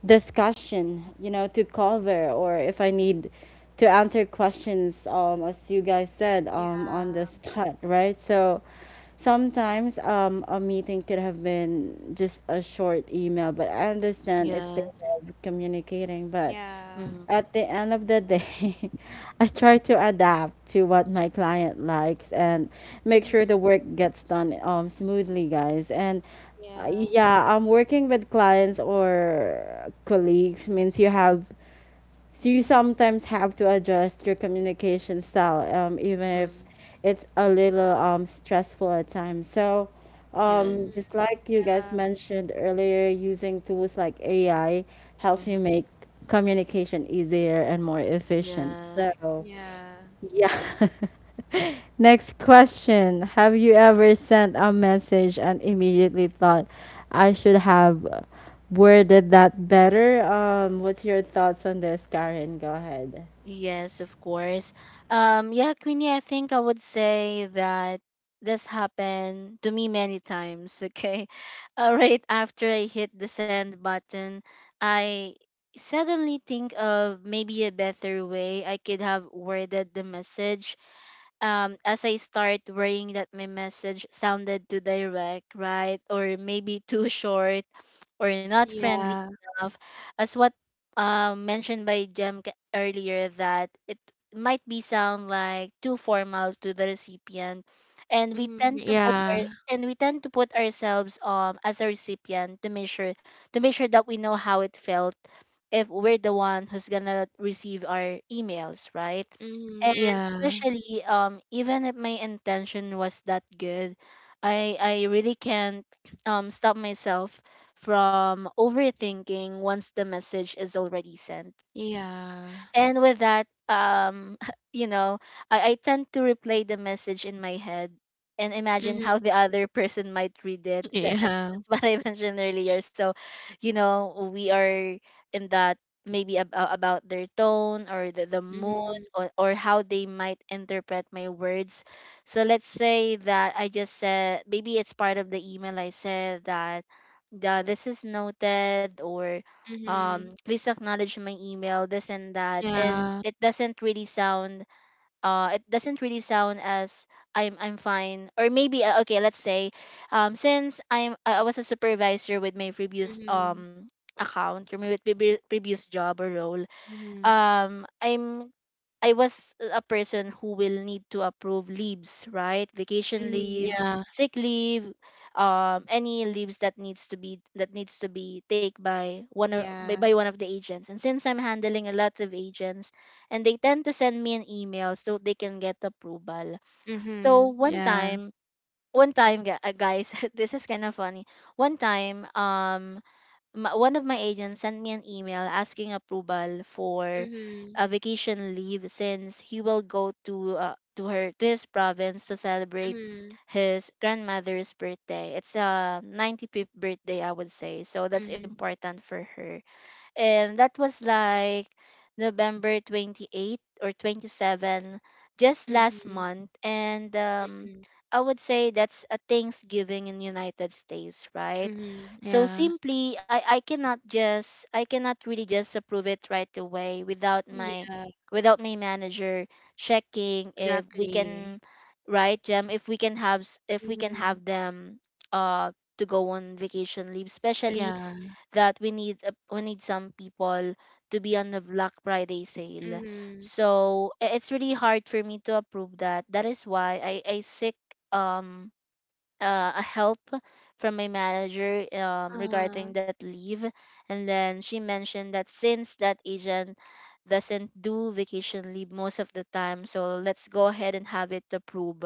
discussion, you know, to cover, or if I need to answer questions, um, as you guys said, um, on
Yeah.
the spot, right? So sometimes um, a meeting could have been just a short email, but I understand it's their
Yes.
way of communicating. But
Yeah.
Mm-hmm.
at the end of the day, I try to adapt to what my client likes and make sure the
Mhm.
work gets done um, smoothly, guys. And uh,
Yeah.
yeah, I'm working with clients or colleagues means you have so you sometimes have to adjust your communication style, um, even if
Mm.
it's a little um, stressful at times. So,
Mhm.
um,
Yes.
just like you guys
Yeah.
mentioned earlier, using tools like A I helps you
Mm-hmm.
make communication easier and more efficient.
Yeah.
So,
Yeah.
yeah. Next question: have you ever sent a message and immediately thought, I should have worded that better? Um, what's your thoughts on this, Karen? Go ahead.
Yes, of course. Um, yeah, Queenie, I think I would say that this happened to me many times, okay? Uh, right after I hit the send button, I suddenly think of maybe a better way I could have worded the message. Um, as I start worrying that my message sounded too direct, right? Or maybe too short or not friendly
Yeah.
enough, as what um, mentioned by Jem ca- earlier, that it might be sound like too formal to the recipient, and we
Mhm.
tend to put our,
Yeah.
and we tend to put ourselves um as a recipient to make sure to make sure that we know how it felt if we're the one who's gonna receive our emails, right?
Mhm.
And
Yeah.
especially um even if my intention was that good, I I really can't um stop myself from overthinking once the message is already sent.
Yeah.
And with that, um, you know, I, I tend to replay the message in my head and imagine
Mhm.
how the other person might read it. That, that's,
Yeah.
that's what I mentioned earlier. So, you know, we are in that maybe ab- uh, about their tone or the, the mood
Mhm.
or, or how they might interpret my words. So let's say that I just said, maybe it's part of the email. I said that, yeah, this is noted, or um,
Mhm.
please acknowledge my email, this and that. And
Yeah.
it doesn't really sound, uh it doesn't really sound as I'm I'm fine. Or maybe uh, okay, let's say, um since I'm I I was a supervisor with my previous
Mhm.
um account, or my previous previous job or role,
Mhm.
um i'm i was a person who will need to approve leaves, right? Vacation
Mhm.
leave,
Yeah.
sick leave, um any leaves that needs to be that needs to be take by one of by,
Yeah.
by one of the agents. And since I'm handling a lot of agents, and they tend to send me an email so they can get approval, so
Mhm.
one
Yeah.
time one time gu- uh, guys, this is kind of funny. One time, um m- one of my agents sent me an email asking approval for
Mhm.
a vacation leave since he will go to uh, to her to his province to celebrate
Mhm.
his grandmother's birthday. It's a ninety-fifth birthday, I would say, so that's
Mhm.
important for her. And that was like November twenty eighth or twenty-seven, just last
Mhm.
month. And um
Mhm.
I would say that's a Thanksgiving in United States, right?
Mhm.
So
Yeah.
simply, I I cannot just I cannot really just approve it right away without my
Yeah.
without my manager checking if we
Exactly.
can, right, Jem, if we can have s- if we can
Mhm.
have them uh to go on vacation leave, especially
Yeah.
that we need, uh, we need some people to be on the Black Friday sale.
Mhm.
So i- it's really hard for me to approve that. That is why I I seek um uh, a help from my manager, um, regarding
Uh-huh.
that leave. And then she mentioned that since that agent doesn't do vacation leave most of the time, so let's go ahead and have it approved.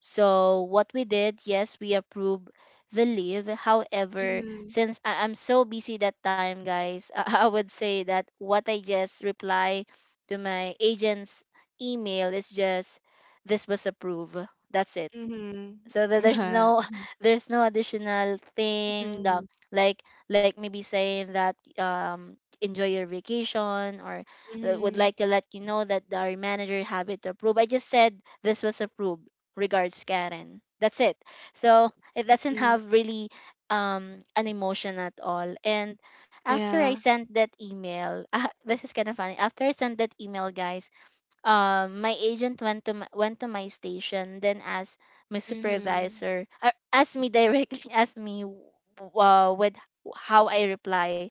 So what we did, yes, we approved the leave. However,
Mhm.
since I- I'm so busy that time, guys, I would say that what I just reply to my agent's email is just, this was approved. That's it.
Mhm.
So that there's
Yeah.
no there's no additional thing,
Mhm.
the like like maybe saying that, um enjoy your vacation, or
Mhm.
uh, would
Mhm.
like to let you know that our manager have it approved. I just said, this was approved, regards, Karen. That's it. So it doesn't have really, um an emotion at all. And after I
Yeah.
sent that email, ah, this is kind of funny. After I sent that email, guys, um, my agent went to my, went to my station, then asked my
Mhm.
supervisor, uh, asked me directly, asked me uh, with how I reply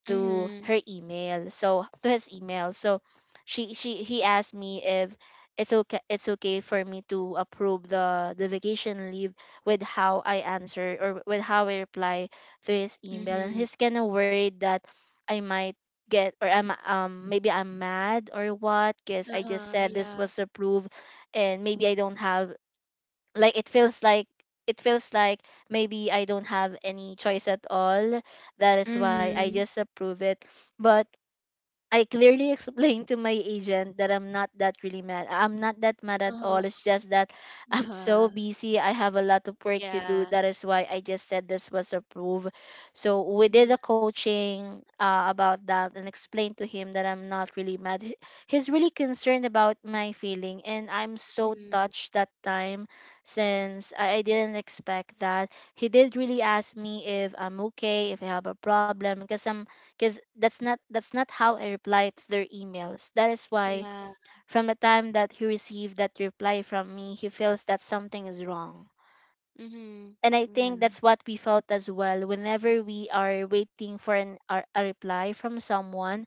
to
Mhm.
her email. So to his email. So she she he asked me if it's okay it's okay for me to approve the the vacation leave with how I answer, or with how I reply to his email. And
Mhm.
he's kind of worried that I might get, or I'm, um maybe I'm mad or what, because I just
Uh-huh,
said, this
yeah.
was approved, and maybe I don't have, like, it feels like it feels like maybe I don't have any choice at all. That is why I
Mhm.
just approve it. But I clearly explained to my agent that I'm not that really mad. I'm not that mad at
Uh-huh.
all. It's just that I'm
Yeah.
so busy. I have a lot of work to do.
Yeah.
That is why I just said, this was approved. So we did
Mhm.
a coaching, uh, about that, and explained to him that I'm not really mad. He- He's really concerned about my feeling, and I'm so
Mhm.
touched that time, since I, I didn't expect that. He did really ask me if I'm okay, if I have a problem, because I'm because that's not that's not how I reply to their emails. That is why
Yeah.
from the time that he received that reply from me, he feels that something is wrong.
Mhm.
And I think
Yeah.
that's what we felt as well, whenever we are waiting for an, a, a reply from someone,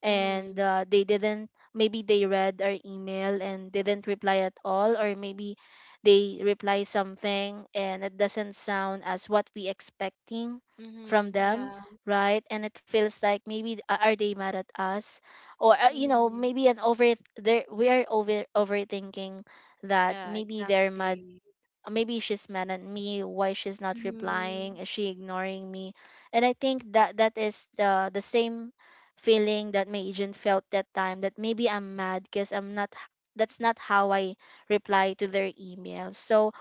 and
Mhm.
uh, they didn't maybe they read our email and didn't reply at all, or maybe they reply something and it doesn't sound as what we expecting from
Mhm.
them,
Yeah.
right? And it feels like, maybe, uh, are they mad at us? Or uh, you know
Mhm.
maybe an over there we are over overthinking that
Yeah,
maybe they're mad.
exactly.
Uh, maybe she's mad at me. Why she's not replying?
Mhm.
Is she ignoring me? And I think that that is the the same feeling that my agent felt that time, that maybe I'm mad because I'm not h- that's not how I reply to their email. So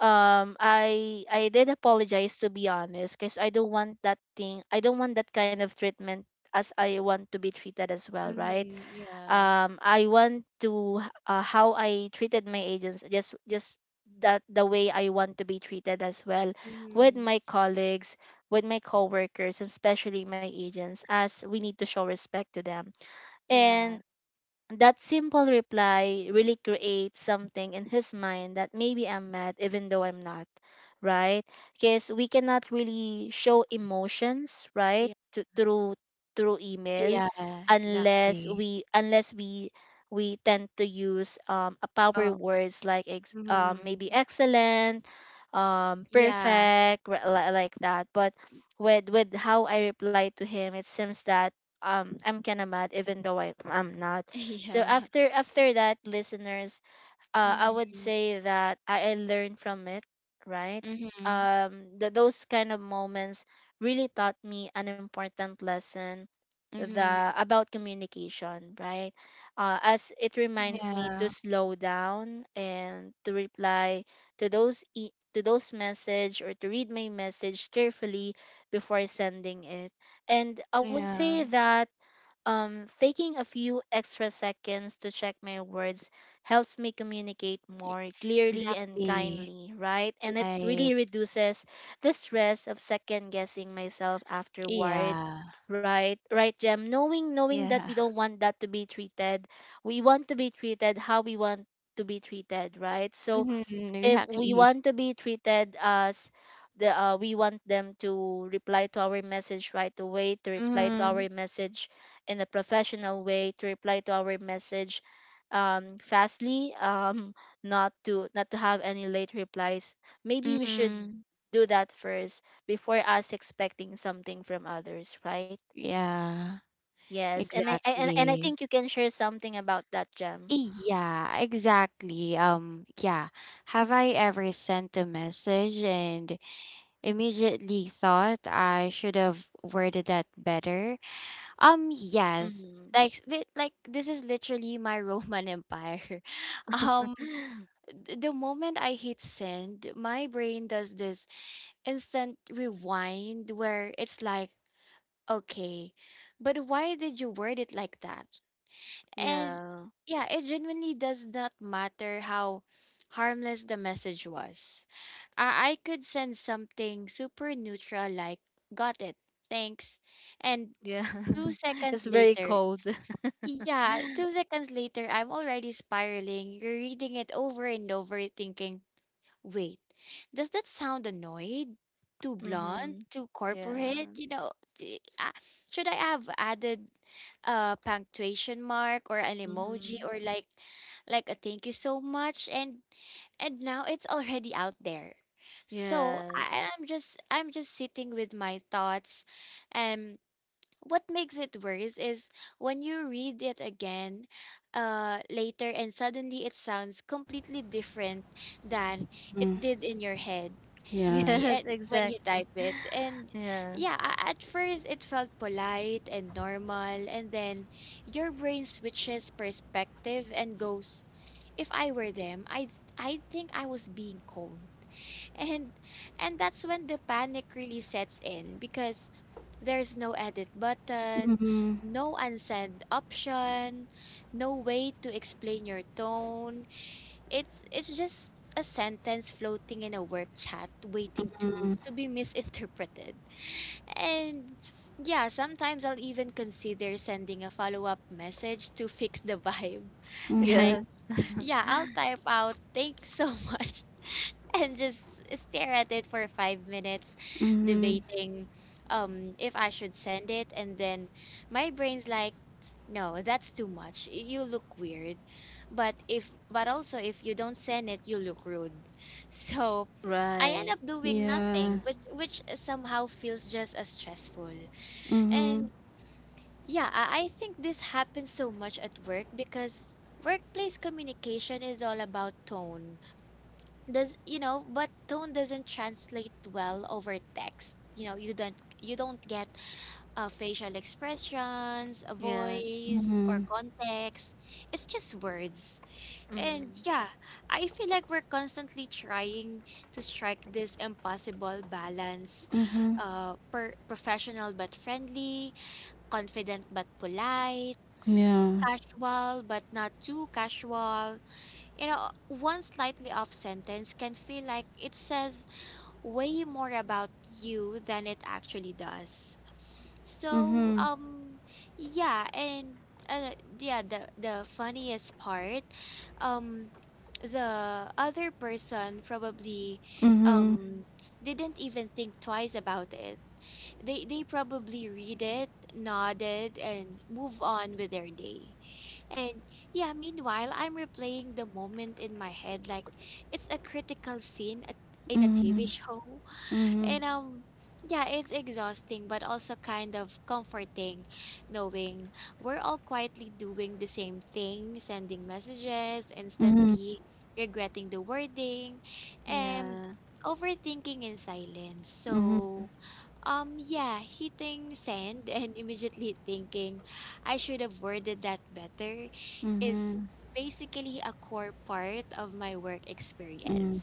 um i i did apologize, to be honest, because I don't want that thing. I don't want that kind of treatment, as I want to be treated as well, right?
Mhm. Yeah.
um I want to, h- uh, how I treated my agents, just just that the way I want to be treated as well, with
Mhm.
my colleagues, with my coworkers, especially my agents, as we need to show respect to them.
Yeah.
And that simple reply really creates something in his mind that maybe I'm mad, even though I'm not, right? Because we cannot really show emotions, right,
Yeah.
to, through through email,
Yeah,
unless
exactly.
we, unless we we tend to use um a power
Oh.
words, like ex, um
Mhm.
maybe excellent, um
Yeah.
perfect, ri- li- like that. But with with how I reply to him, it seems that um I'm kinda mad, even though I, I'm not. So
Yeah.
after after that, listeners, uh, I would
Mhm.
say that I, I learned from it, right?
Mhm.
Um, th- those kind of moments really taught me an important lesson the
Mhm.
about communication, right? Uh, as it reminds me to
Yeah,
slow down and to reply to those e- to those message, or to read my message carefully before sending it. And I would
yeah,
say that, um, taking a few extra seconds to check my words helps me communicate
e-
more clearly and
exactly.
kindly, right? And it
Right.
really reduces the stress of second guessing myself afterward.
Yeah,
Right, right, Jem. Knowing, knowing that
yeah.
we don't want that, to be treated, we want to be treated how we want to be treated, right? So,
Mm-hmm,
if we
exactly.
want to be treated as the uh, we want them to reply to our message right away, to reply to
Mm-hmm,
our message in a professional way, to reply to our message, um fastly, um not to, not to have any late replies, maybe we should
mm-hmm.
do that first before us expecting something from others, right?
Yeah,
Yes. And i, I and, and i
exactly.
think you can share something about that, gem
Yeah, exactly. Um, yeah. Have I ever sent a message and immediately thought I should have worded that better? Um, yes.
mm-hmm.
Like li- like this is literally my Roman Empire. Um, th- the moment I hit send, my brain does this instant rewind where it's like, okay, but why did you word it like that? And
Yeah,
yeah, it genuinely does not matter how harmless the message was. I, I could send something super neutral like, got it, thanks, and
yeah.
two seconds
It's very
later
cold.
yeah, two seconds later, I'm already spiraling, reading it over and over, thinking, wait, does that sound annoyed? Too blunt?
Mm-hmm.
Too corporate? You
Yes.
know, t- ah, should I have added a punctuation mark or an emoji
Mm-hmm.
or like like a thank you so much? And and now it's already out there. So I,
Yes.
I'm just I'm just sitting with my thoughts. What makes it worse is when you read it again uh later and suddenly it sounds completely different than it did in your head
Yeah.
eh,
Yes,
and when you type
exactly.
it and
Yeah.
yeah a- at first it felt polite and normal and then your brain switches perspective and goes, if I were them, I would I would think I was being cold. And and that's when the panic really sets in because there's no edit button,
Mhm.
no unsend option, no way to explain your tone. It's it's just a sentence floating in a work chat waiting to to be misinterpreted. And yeah, sometimes I'll even consider sending a follow-up message to fix the vibe.
Mhm.
Like,
Yes.
yeah, I'll type out, "Thanks so much," and just stare at it for five minutes,
Mhm.
debating um if I should send it. And then my brain's like, no, that's too much. Y- You look weird. But if but also if you don't send it, you look rude. So I end up
Right.
doing
Yeah.
nothing, which which somehow feels just as stressful.
Mhm.
And yeah, I, I think this happens so much at work because workplace communication is all about tone does you know, but tone doesn't translate well over text. You know, you don't you don't get uh, facial expressions, a
Yes.
voice or
Mhm.
context. It's just words. And
Mm.
yeah, I feel like we're constantly trying to strike this impossible balance,
Mhm.
uh per- professional but friendly, confident but polite,
Yeah.
casual but not too casual. You know, one slightly off sentence can feel like it says way more about you than it actually does. So,
Mhm.
um, yeah, and uh, yeah, the the funniest part, um, the other person probably
Mhm.
um didn't even think twice about it. They they probably read it, nodded, and move on with their day. And yeah, meanwhile, I'm replaying the moment in my head like it's a critical scene at, in a T V
Mhm.
show.
Mhm.
And um yeah, it's exhausting but also kind of comforting knowing we're all quietly doing the same thing, sending messages,
Mhm.
instantly regretting the wording and
Yeah.
overthinking in silence.
Mhm.
So, um yeah, hitting send and immediately thinking I should have worded that better is
Mhm.
basically a core part of my work experience.
Mm.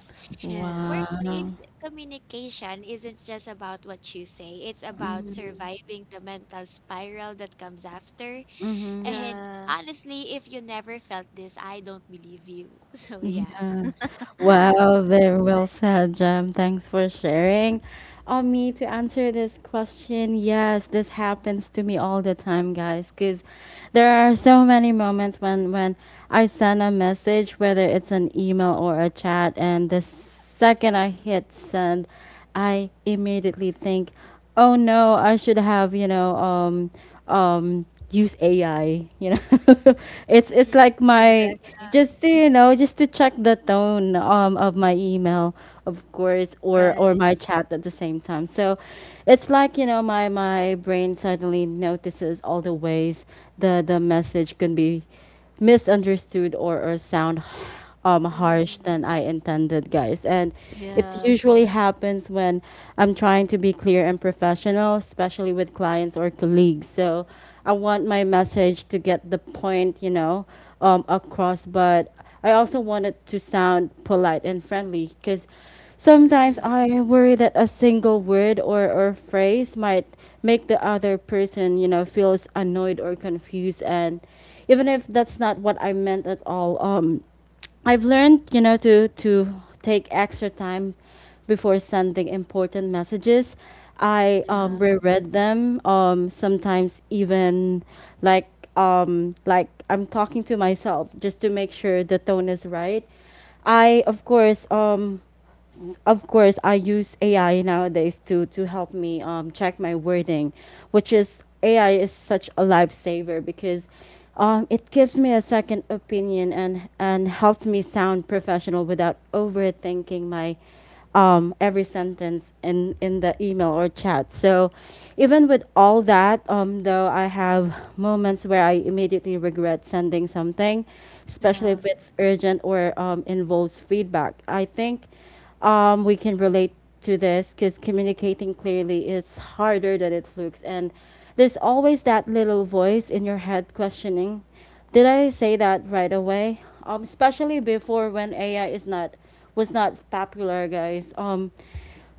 Yes.
Wow.
Workplace communication isn't just about what you say, it's about
Mhm.
surviving the mental spiral that comes after.
Mhm.
And
Yeah.
honestly, if you never felt this, I don't believe you. So, yeah.
Yeah. Wow, very
Ex-
well said, Jem. Thanks for sharing. On me to answer this question, yes, this happens to me all the time, guys, because there are so many moments when when I send a message, whether it's an email or a chat, and this second I hit send, I immediately think, oh no, I should have, you know, um, um, use A I. You know, it's it's like
Mm-hmm.
my
Exactly.
just to you know just to check the tone um of my email of course or or
Right.
my chat at the same time. So it's like you know my my brain suddenly notices all the ways the the message can be misunderstood or or sound um harsh than I intended, guys. And it
Yes.
usually happens when I'm trying to be clear and professional, especially with clients or colleagues. So I want my message to get the point, you know, um across, but I also want it to sound polite and friendly, because sometimes
Mm-hmm.
I worry that a single word or, or phrase might make the other person, you know, feels annoyed or confused. And even if that's not what I meant at all, um, I've learned, you know, to to take extra time before sending important messages. I um,
Yeah.
Mhm.
reread them. Um, sometimes even like um, like I'm talking to myself, just to make sure the tone is right. I of course um, of course, I use A I nowadays to to help me um, check my wording, which is A I is such a lifesaver, because um, it gives me a second opinion and and helps me sound professional without overthinking my um, every sentence in, in the email or chat. So, even with all that, um, though, I have moments where I immediately regret sending something, especially
Yeah.
if it's urgent or um, involves feedback. I think um, we can relate to this because communicating clearly is harder than it looks. And there's always that little voice in your head questioning, did I say that right away? Um, especially before when A I is not was not popular, guys. Um,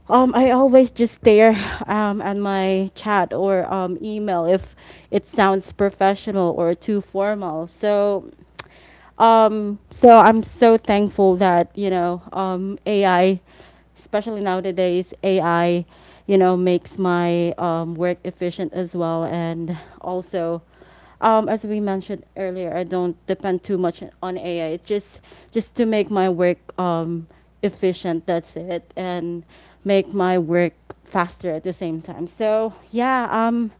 um, I always just stare um, at my chat or um, email if it sounds professional or too formal. So um, so I'm so thankful that, you know, um, A I, especially nowadays, A I, you know, makes my um, work efficient as well. And also, um, as we mentioned earlier, I don't depend too much on A I. It just, just to make my work um, efficient, that's it, and make my work faster at the same time. So, yeah, um,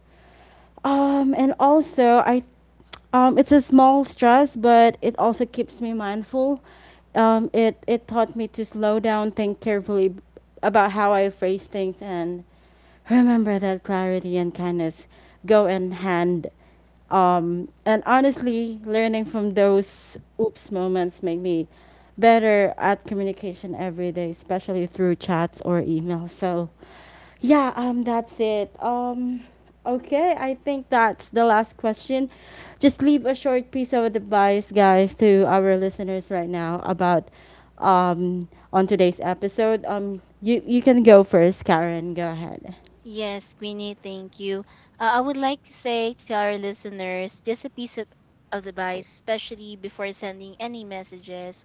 um, and also, I um, it's a small stress, but it also keeps me mindful. Um, it it taught me to slow down, think carefully b- about how I phrase things, and remember that clarity and kindness go in hand. Um, and honestly, learning from those oops moments make me better at communication every day, especially through chats or email. So, yeah, um, that's it. Um, okay, I think that's the last question. Just leave a short piece of advice, guys, to our listeners right now about um on today's episode. Um, you you can go first, Karen. Go ahead.
Yes, Queenie, thank you. Uh, I would like to say to our listeners just a piece of, of advice, especially before sending any messages.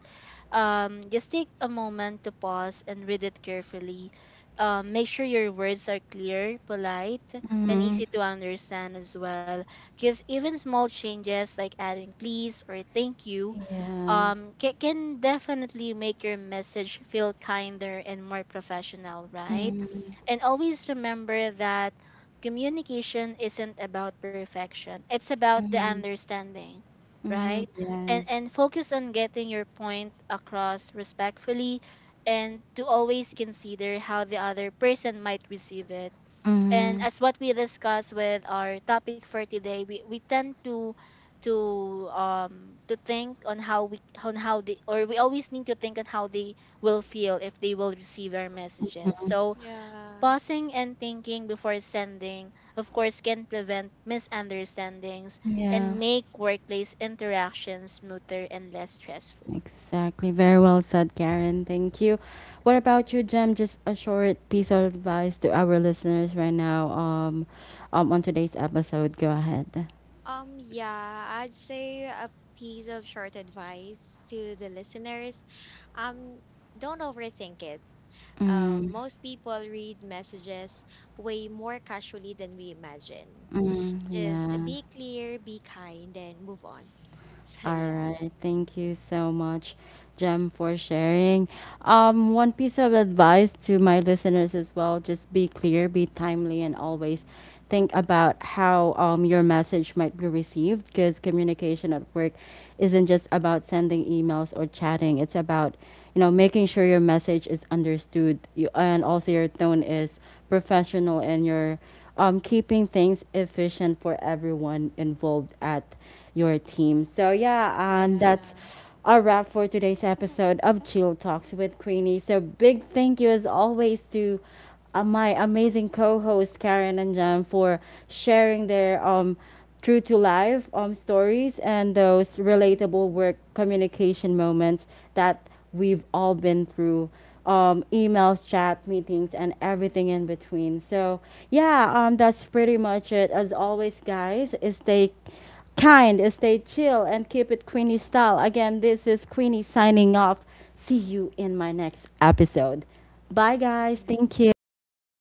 Um, just take a moment to pause and read it carefully. Um, make sure your words are clear, polite, and
Mm-hmm.
easy to understand as well. Because even small changes like adding please or thank you,
Yeah.
um, can, can definitely make your message feel kinder and more professional, right?
Mm-hmm.
And always remember that communication isn't about perfection. It's about the
Mm-hmm.
understanding,
Hmm.
right? And
Yes.
and focus on getting your point across respectfully, and to always consider how the other person might receive it. And
Mm-hmm.
as what we discussed with our topic for today, we, we tend to to um to think on how we on how they or we always need to think on how they will feel if they will receive our messages. So
Yeah.
pausing and thinking before sending, of course, can prevent misunderstandings and
Yeah.
make workplace interactions smoother and less stressful.
Exactly. Very well said, Karen. Thank you. What about you, Jem? Just a short piece of advice to our listeners right now um, um on today's episode. Go ahead.
Um, yeah, I'd say a piece of short advice to the listeners. Um, don't overthink it. Uh,
Mm,
most people read messages way more casually than we imagine.
mm,
Just
yeah.
be clear, be kind, and move on. So
All
yeah.
right, thank you so much, Jem, for sharing. Um, one piece of advice to my listeners as well: just be clear, be timely, and always think about how um, your message might be received. Because communication at work isn't just about sending emails or chatting; it's about you know making sure your message is understood, you, and also your tone is professional, and you're um, keeping things efficient for everyone involved at your team. So yeah, and that's
Yeah.
a wrap for today's episode of Chill Talks with Queenie. So big thank you as always to uh, my amazing co-host Karen and Jan for sharing their um true to life um stories and those relatable
Mhm.
work communication moments that we've all been through: um, emails, chat, meetings, and everything in between. So, yeah, um, that's pretty much it. As always, guys, stay kind, stay chill, and keep it Queenie style. Again, this is Queenie signing off. See you in my next episode. Bye, guys.
Yeah.
Thank
Bye
you.
guys.